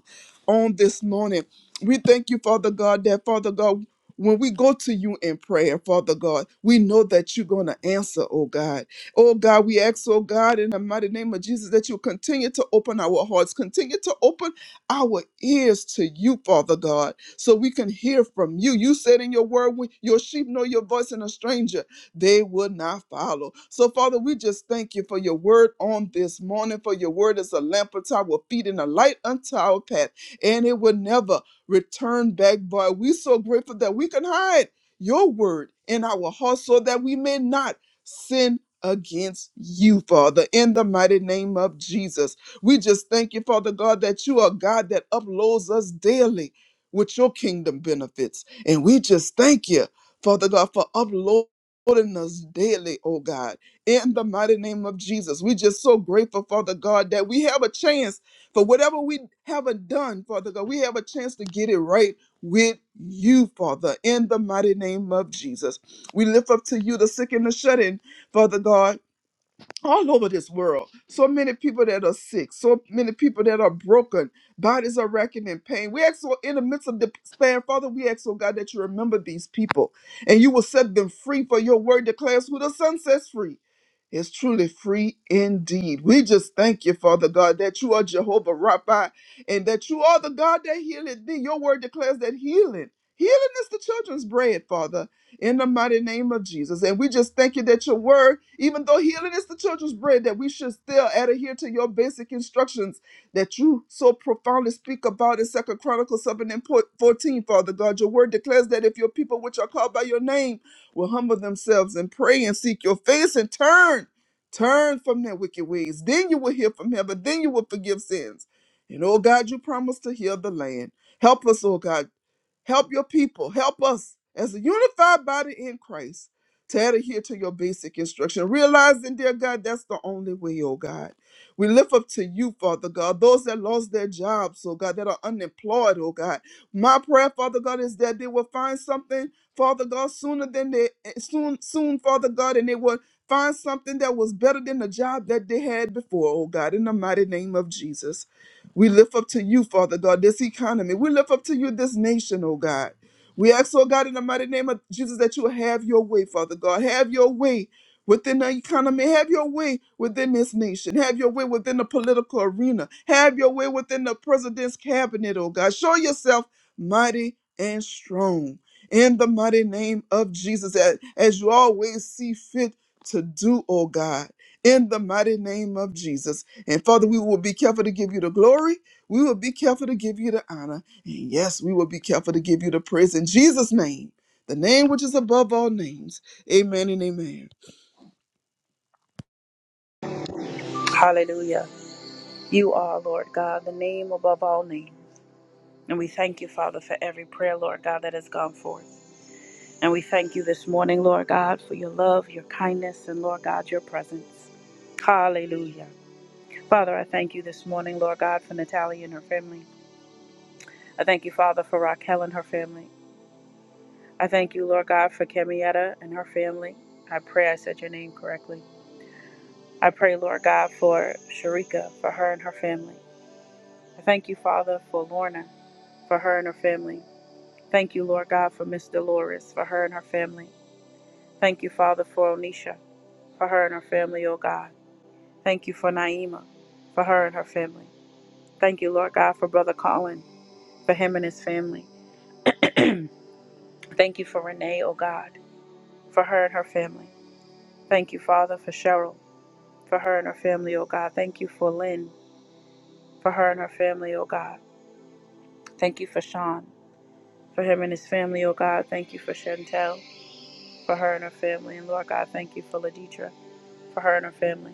[SPEAKER 6] on this morning. We thank you, Father God, that Father God when we go to you in prayer, Father God, we know that you're going to answer, oh God. Oh God, we ask, oh God, in the mighty name of Jesus, that you continue to open our hearts, continue to open our ears to you, Father God, so we can hear from you. You said in your word, "When your sheep know your voice and a stranger, they will not follow. So, Father, we just thank you for your word on this morning, for your word is a lamp unto our feet and a light unto our path, and it will never return back void. We're so grateful that we can hide your word in our hearts so that we may not sin against you, Father, in the mighty name of Jesus. We just thank you, Father God, that you are God that uploads us daily with your kingdom benefits. And we just thank you, Father God, for uploading us daily, oh God, in the mighty name of Jesus. We just so grateful, Father God, that we have a chance for whatever we haven't done, Father God, we have a chance to get it right with you, Father, in the mighty name of Jesus. We lift up to you the sick and the shut in, Father God all over this world. So many people that are sick, so many people that are broken, bodies are racking in pain. We ask, oh, in the midst of the stand, Father, we ask, oh God, that you remember these people and you will set them free for your word declares who the Son sets free. is truly free indeed. We just thank you, Father God, that you are Jehovah Rapha and that you are the God that healeth thee. Your word declares that healing, healing is the children's bread, Father in the mighty name of Jesus. And we just thank you that your word, even though healing is the children's bread, that we should still adhere to your basic instructions that you so profoundly speak about in Second Chronicles 7 and 14, Father God. Your word declares that if your people which are called by your name will humble themselves and pray and seek your face and turn, turn from their wicked ways, then you will hear from heaven, then you will forgive sins. And oh God, you promised to heal the land. Help us, oh God Help your people. Help us as a unified body in Christ to adhere to your basic instruction. Realizing, dear God, that's the only way, oh God. We lift up to you, Father God, those that lost their jobs, oh God, that are unemployed, oh God. My prayer, Father God, is that they will find something, Father God, sooner than they eh, soon, soon, Father God, and they will find something that was better than the job that they had before, oh God, in the mighty name of Jesus. We lift up to you, Father God, this economy. We lift up to you this nation, oh God. We ask, oh God, in the mighty name of Jesus, that you will have your way, Father God. Have your way within the economy. Have your way within this nation. Have your way within the political arena. Have your way within the president's cabinet, oh God. Show yourself mighty and strong in the mighty name of Jesus, as, as you always see fit to do, oh God. In the mighty name of Jesus. And Father, we will be careful to give you the glory. We will be careful to give you the honor. And yes, we will be careful to give you the praise in Jesus' name, the name which is above all names. Amen and amen.
[SPEAKER 1] Hallelujah. You are, Lord God, the name above all names. And we thank you, Father, for every prayer, Lord God, that has gone forth. And we thank you this morning, Lord God, for your love, your kindness, and Lord God, your presence. Hallelujah. Father, I thank you this morning, Lord God, for Natalie and her family. I thank you, Father, for Raquel and her family. I thank you, Lord God, for Camietta and her family. I pray I said your name correctly. I pray, Lord God, for Sharika, for her and her family. I thank you, Father, for Lorna, for her and her family. Thank you, Lord God, for Miss Dolores, for her and her family. Thank you, Father, for Onisha, for her and her family, oh God. Thank you for Naima, for her and her family. Thank you, Lord God, for Brother Colin, for him and his family. Thank you for Renee, oh God, for her and her family. Thank you, Father, for Cheryl, for her and her family, oh God. Thank you for Lynn, for her and her family, oh God. Thank you for Sean, for him and his family, oh God. Thank you for Chantel, for her and her family. And Lord God, thank you for Ladidra, for her and her family.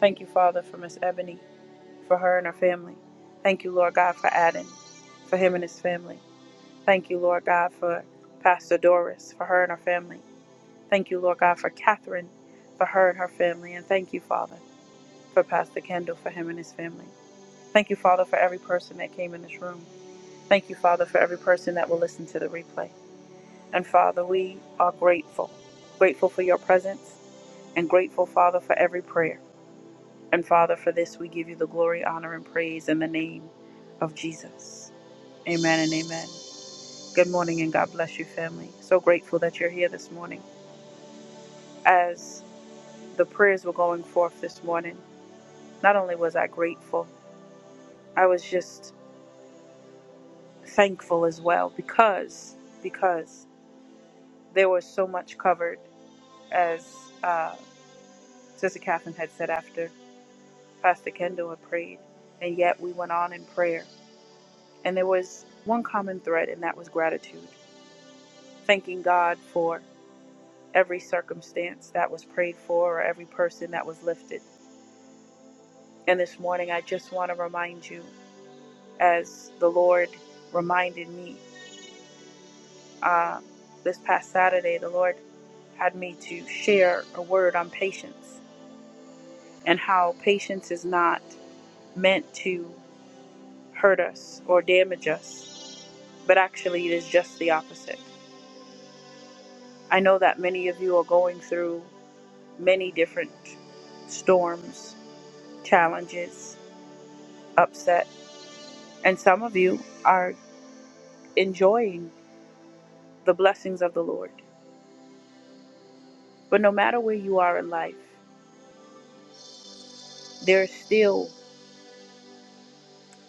[SPEAKER 1] Thank you, Father, for Miss Ebony, for her and her family. Thank you, Lord God, for Adam, for him and his family. Thank you, Lord God, for Pastor Doris, for her and her family. Thank you, Lord God, for Catherine, for her and her family. And thank you, Father, for Pastor Kendall, for him and his family. Thank you, Father, for every person that came in this room. Thank you, Father, for every person that will listen to the replay. And Father, we are grateful, grateful for your presence, and grateful, Father, for every prayer. And Father, for this we give you the glory, honor, and praise in the name of Jesus. Amen and amen. Good morning and God bless you, family. So grateful that you're here this morning. As the prayers were going forth this morning, not only was I grateful, I was just thankful as well because because there was so much covered as uh, Sister Catherine had said after Pastor Kendall had prayed, and yet we went on in prayer. And there was one common thread, and that was gratitude thanking God for every circumstance that was prayed for or every person that was lifted. And this morning, I just want to remind you, as the Lord reminded me uh, this past Saturday, the Lord had me to share a word on patience and how patience is not meant to hurt us or damage us, but actually, it is just the opposite. I know that many of you are going through many different storms, challenges, upset. And some of you are enjoying the blessings of the Lord. But no matter where you are in life, there is still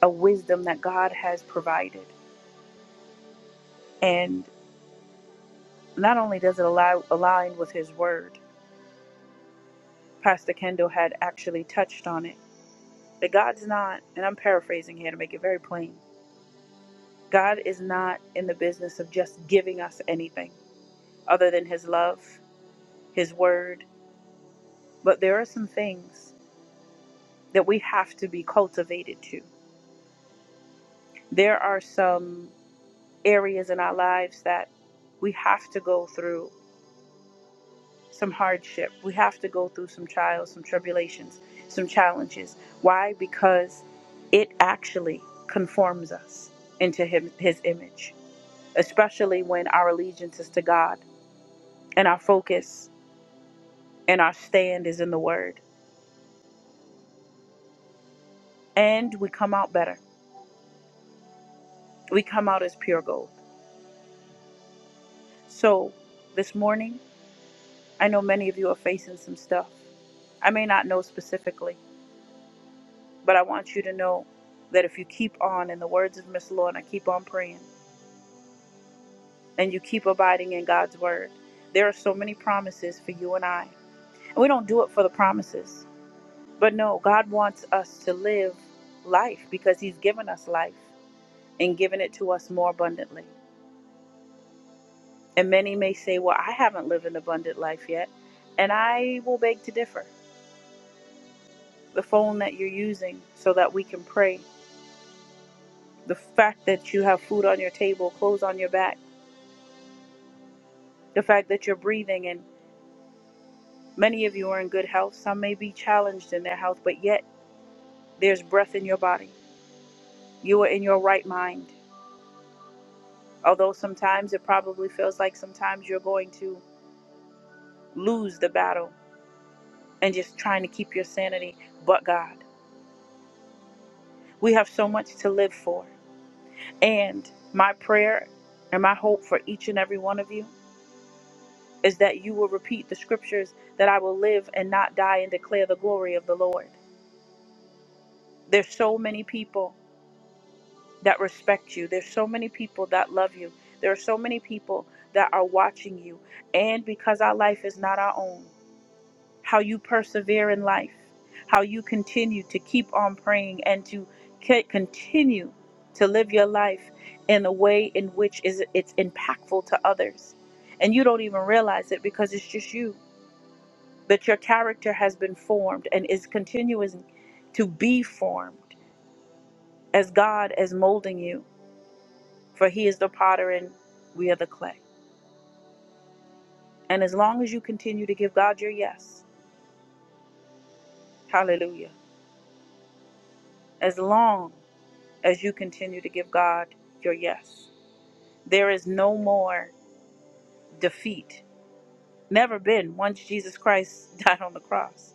[SPEAKER 1] a wisdom that God has provided. And not only does it allow, align with His Word, Pastor Kendall had actually touched on it, that God's not, and I'm paraphrasing here to make it very plain, God is not in the business of just giving us anything other than His love, His Word. But there are some things that we have to be cultivated to. there are some areas in our lives that we have to go through some hardship. We have to go through some trials, some tribulations, some challenges. Why? Because it actually conforms us into him, His image, especially when our allegiance is to God and our focus and our stand is in the Word. And we come out better. We come out as pure gold. So this morning, I know many of you are facing some stuff. I may not know specifically But I want you to know that if you keep on, in the words of Miss Lorna, keep on praying and you keep abiding in God's word, there are so many promises for you and I. And we don't do it for the promises. But no, God wants us to live life because He's given us life and given it to us more abundantly. And many may say, Well, I haven't lived an abundant life yet. And I will beg to differ. The phone that you're using so that we can pray, the fact that you have food on your table, clothes on your back the fact that you're breathing and many of you are in good health some may be challenged in their health but yet there's breath in your body you are in your right mind although sometimes it probably feels like sometimes you're going to lose the battle and just trying to keep your sanity but god we have so much to live for and my prayer and my hope for each and every one of you is that you will repeat the scriptures that i will live and not die and declare the glory of the lord there's so many people that respect you. There's so many people that love you. There are so many people that are watching you. And because our life is not our own, how you persevere in life, how you continue to keep on praying and to c- continue to live your life in a way in which is it's impactful to others. And you don't even realize it because it's just you. But your character has been formed and is continuing to be formed as God is molding you. For he is the potter and we are the clay. And as long as you continue to give God your yes, hallelujah, as long as you continue to give God your yes, there is no more defeat. Never been once Jesus Christ *laughs* died on the cross.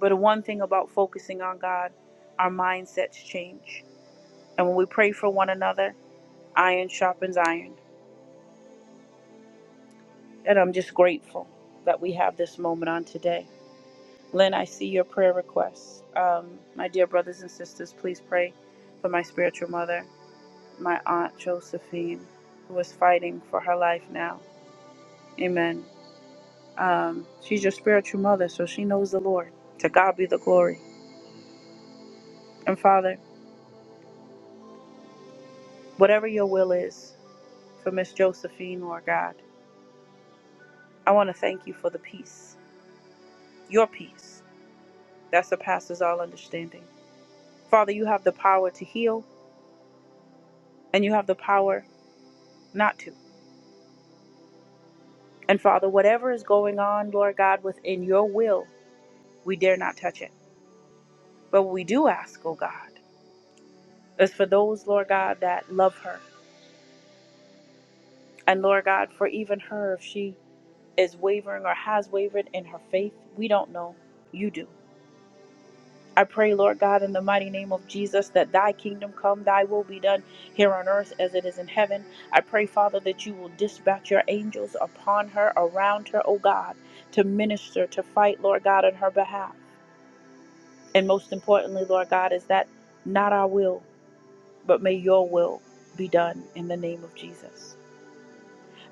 [SPEAKER 1] But one thing about focusing on God, our mindsets change. And when we pray for one another, iron sharpens iron. And I'm just grateful that we have this moment on today. Lynn, I see your prayer requests. Um, my dear brothers and sisters, please pray for my spiritual mother, my aunt Josephine, who is fighting for her life now. Amen. Um, she's your spiritual mother, so she knows the Lord. To God be the glory. And Father, whatever your will is for Miss Josephine, Lord God, I want to thank you for the peace, your peace that surpasses all understanding. Father, you have the power to heal, and you have the power not to. And Father, whatever is going on, Lord God, within your will, we dare not touch it. But what we do ask, oh God, is for those, Lord God, that love her. And Lord God, for even her, if she is wavering or has wavered in her faith, we don't know. You do. I pray, Lord God, in the mighty name of Jesus, that thy kingdom come, thy will be done here on earth as it is in heaven. I pray, Father, that you will dispatch your angels upon her, around her, oh God, to minister, to fight, Lord God, on her behalf. And most importantly, Lord God, is that not our will, but may your will be done in the name of Jesus.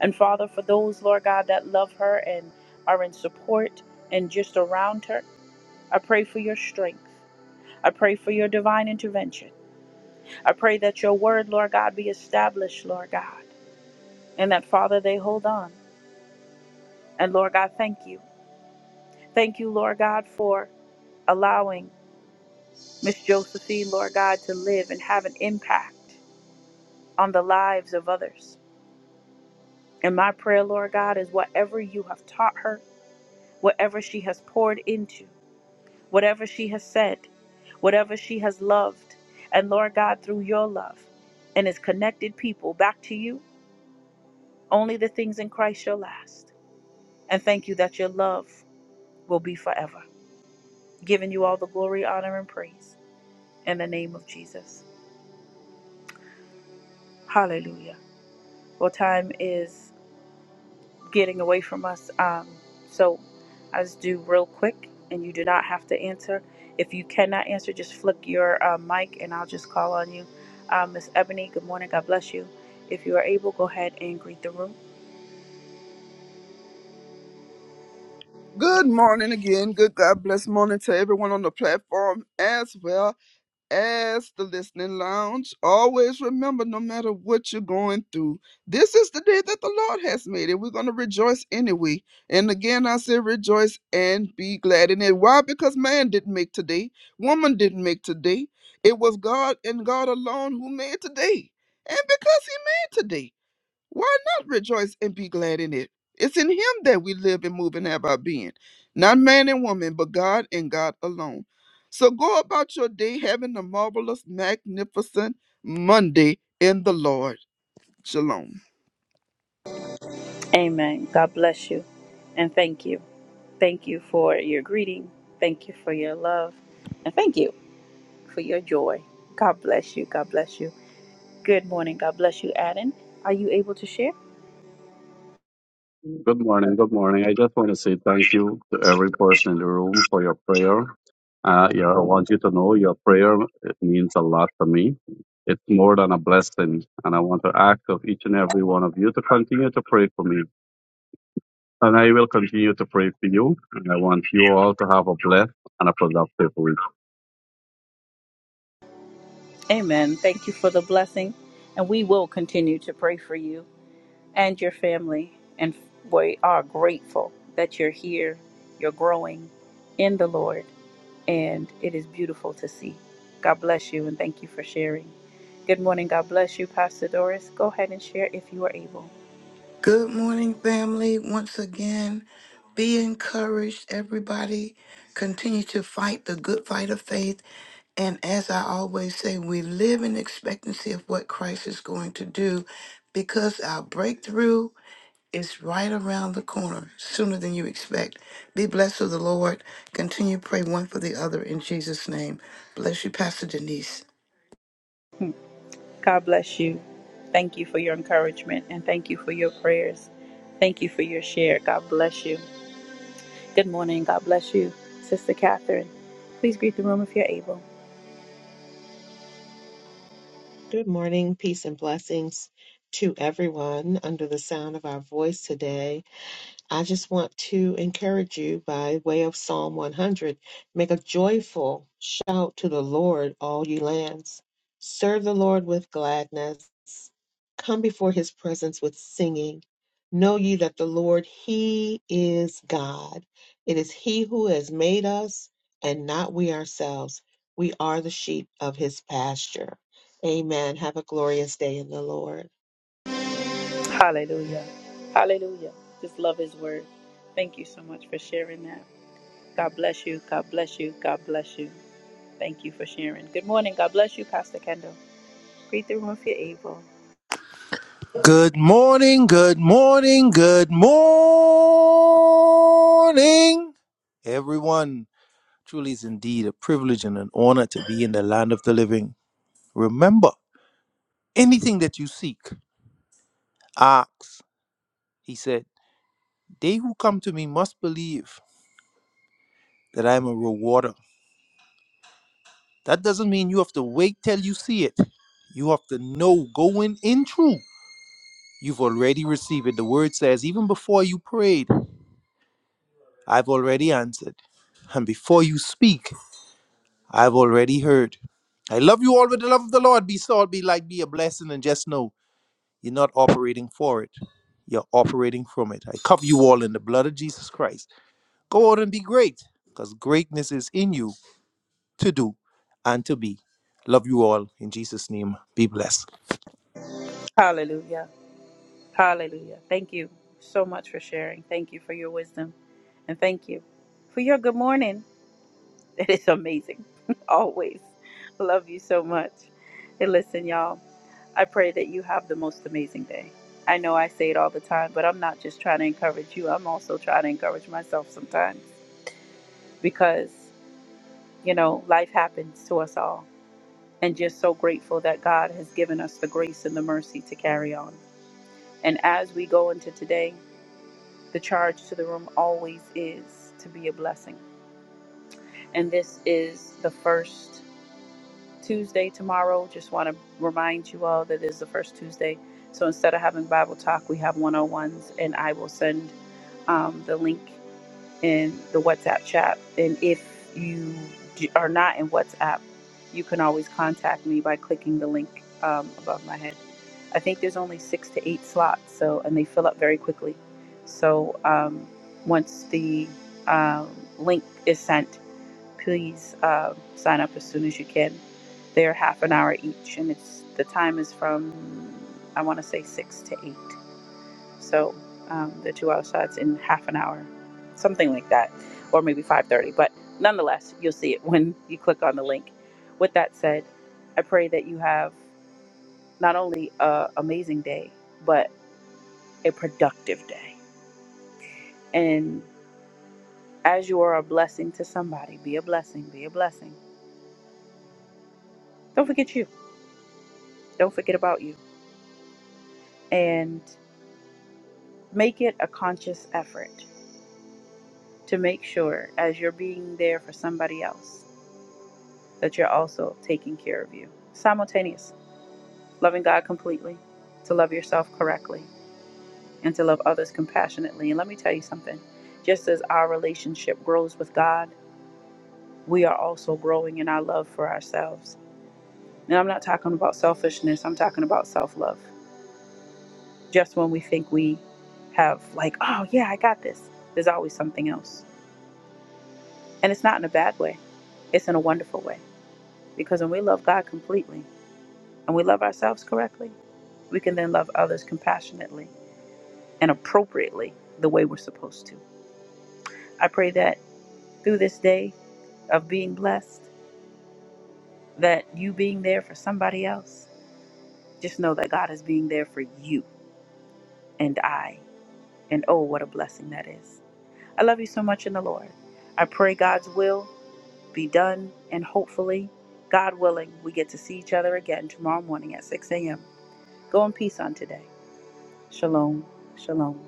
[SPEAKER 1] And Father, for those, Lord God, that love her and are in support and just around her, I pray for your strength. I pray for your divine intervention. I pray that your word, Lord God, be established, Lord God, and that, Father, they hold on. And Lord God, thank you. Thank you, Lord God, for allowing Miss Josephine, Lord God, to live and have an impact on the lives of others. And my prayer, Lord God, is whatever you have taught her, whatever she has poured into, whatever she has said, whatever she has loved, and Lord God, through your love and has connected people back to you, only the things in Christ shall last. And thank you that your love will be forever. Giving you all the glory, honor, and praise in the name of Jesus. Hallelujah. Well, time is. getting away from us. Um, so I just do real quick, and you do not have to answer. If you cannot answer, just flick your uh, mic, and I'll just call on you. Uh, Miss Ebony, good morning. God bless you. If you are able, go ahead and greet the room.
[SPEAKER 6] Good morning again. Good God bless morning to everyone on the platform as well as the listening lounge, always remember no matter what you're going through, this is the day that the Lord has made, and we're going to rejoice anyway. And again, I say rejoice and be glad in it. Why? Because man didn't make today, woman didn't make today. It was God and God alone who made today. And because He made today. Why not rejoice and be glad in it? It's in Him that we live and move and have our being, not man and woman, but God and God alone. So go about your day having a marvelous, magnificent Monday in the Lord. Shalom.
[SPEAKER 1] Amen. God bless you, and thank you. Thank you for your greeting. Thank you for your love, and thank you for your joy. God bless you. God bless you. Good morning. God bless you, Adam. Are you able to share?
[SPEAKER 5] Good morning. Good morning. I just want to say thank you to every person in the room for your prayer. Uh, yeah, I want you to know your prayer it means a lot to me. It's more than a blessing, and I want to ask of each and every one of you to continue to pray for me. And I will continue to pray for you. And I want you all to have a blessed and a productive week.
[SPEAKER 1] Amen. Thank you for the blessing. And we will continue to pray for you and your family. And we are grateful that you're here, you're growing in the Lord, and it is beautiful to see. God bless you and thank you for sharing. Good morning. God bless you, Pastor Doris. Go ahead and share if you are able.
[SPEAKER 4] Good morning, family. Once again, be encouraged, everybody. Continue to fight the good fight of faith. And as I always say, we live in expectancy of what Christ is going to do because our breakthrough It's right around the corner, sooner than you expect. Be blessed of the Lord. Continue to pray one for the other in Jesus' name. Bless you, Pastor Denise.
[SPEAKER 1] God bless you. Thank you for your encouragement and thank you for your prayers. Thank you for your share. God bless you. Good morning. God bless you, Sister Catherine. Please greet the room if you're able.
[SPEAKER 3] Good morning, peace and blessings to everyone under the sound of our voice today. I just want to encourage you by way of Psalm 100 make a joyful shout to the Lord, all you lands. Serve the Lord with gladness. Come before his presence with singing. Know ye that the Lord, he is God. It is he who has made us and not we ourselves. We are the sheep of his pasture. Amen. Have a glorious day in the Lord.
[SPEAKER 1] Hallelujah. Hallelujah. Just love his word. Thank you so much for sharing that. God bless you. God bless you. God bless you. Thank you for sharing. Good morning. God bless you, Pastor Kendall. Greet the room if you're able.
[SPEAKER 2] Good morning, good morning, good morning, everyone. Truly is indeed a privilege and an honor to be in the land of the living. Remember, anything that you seek, Acts. He said, They who come to me must believe that I am a rewarder. That doesn't mean you have to wait till you see it. You have to know going in truth. You've already received it. The word says, even before you prayed, I've already answered. And before you speak, I've already heard. I love you all with the love of the Lord. Be salt, be light, be a blessing, and just know you're not operating for it. You're operating from it. I cover you all in the blood of Jesus Christ. Go out and be great because greatness is in you to do and to be. Love you all. In Jesus' name, be blessed.
[SPEAKER 1] Hallelujah. Hallelujah. Thank you so much for sharing. Thank you for your wisdom. And thank you for your good morning. *laughs* It is amazing. *laughs* Always. Love you so much. And listen, y'all. I pray that you have the most amazing day. I know I say it all the time, but I'm not just trying to encourage you. I'm also trying to encourage myself sometimes because, you know, life happens to us all. And just so grateful that God has given us the grace and the mercy to carry on. And as we go into today, the charge to the room always is to be a blessing. And this is the first. Tuesday tomorrow. Just want to remind you all that it is the first Tuesday. So instead of having Bible talk, we have 101s, and I will send um, the link in the WhatsApp chat. And if you d- are not in WhatsApp, you can always contact me by clicking the link um, above my head. I think there's only six to eight slots, so and they fill up very quickly. So um, once the um, link is sent, please uh, sign up as soon as you can. They're half an hour each, and it's the time is from I want to say six to eight. So um, the two-hour shots in half an hour, something like that, or maybe five thirty. But nonetheless, you'll see it when you click on the link. With that said, I pray that you have not only an amazing day, but a productive day. And as you are a blessing to somebody, be a blessing, be a blessing. Don't forget you. Don't forget about you. and make it a conscious effort to make sure as you're being there for somebody else that you're also taking care of you simultaneous loving god completely to love yourself correctly and to love others compassionately and let me tell you something just as our relationship grows with god we are also growing in our love for ourselves and i'm not talking about selfishness i'm talking about self-love just when we think we have like oh yeah i got this there's always something else And it's not in a bad way, it's in a wonderful way. Because when we love God completely and we love ourselves correctly, we can then love others compassionately and appropriately the way we're supposed to. I pray that through this day of being blessed, that you being there for somebody else, just know that God is being there for you and I. And oh, what a blessing that is. I love you so much in the Lord. I pray God's will. be done. And hopefully, God willing, we get to see each other again tomorrow morning at 6 a.m. Go in peace on today. Shalom. Shalom.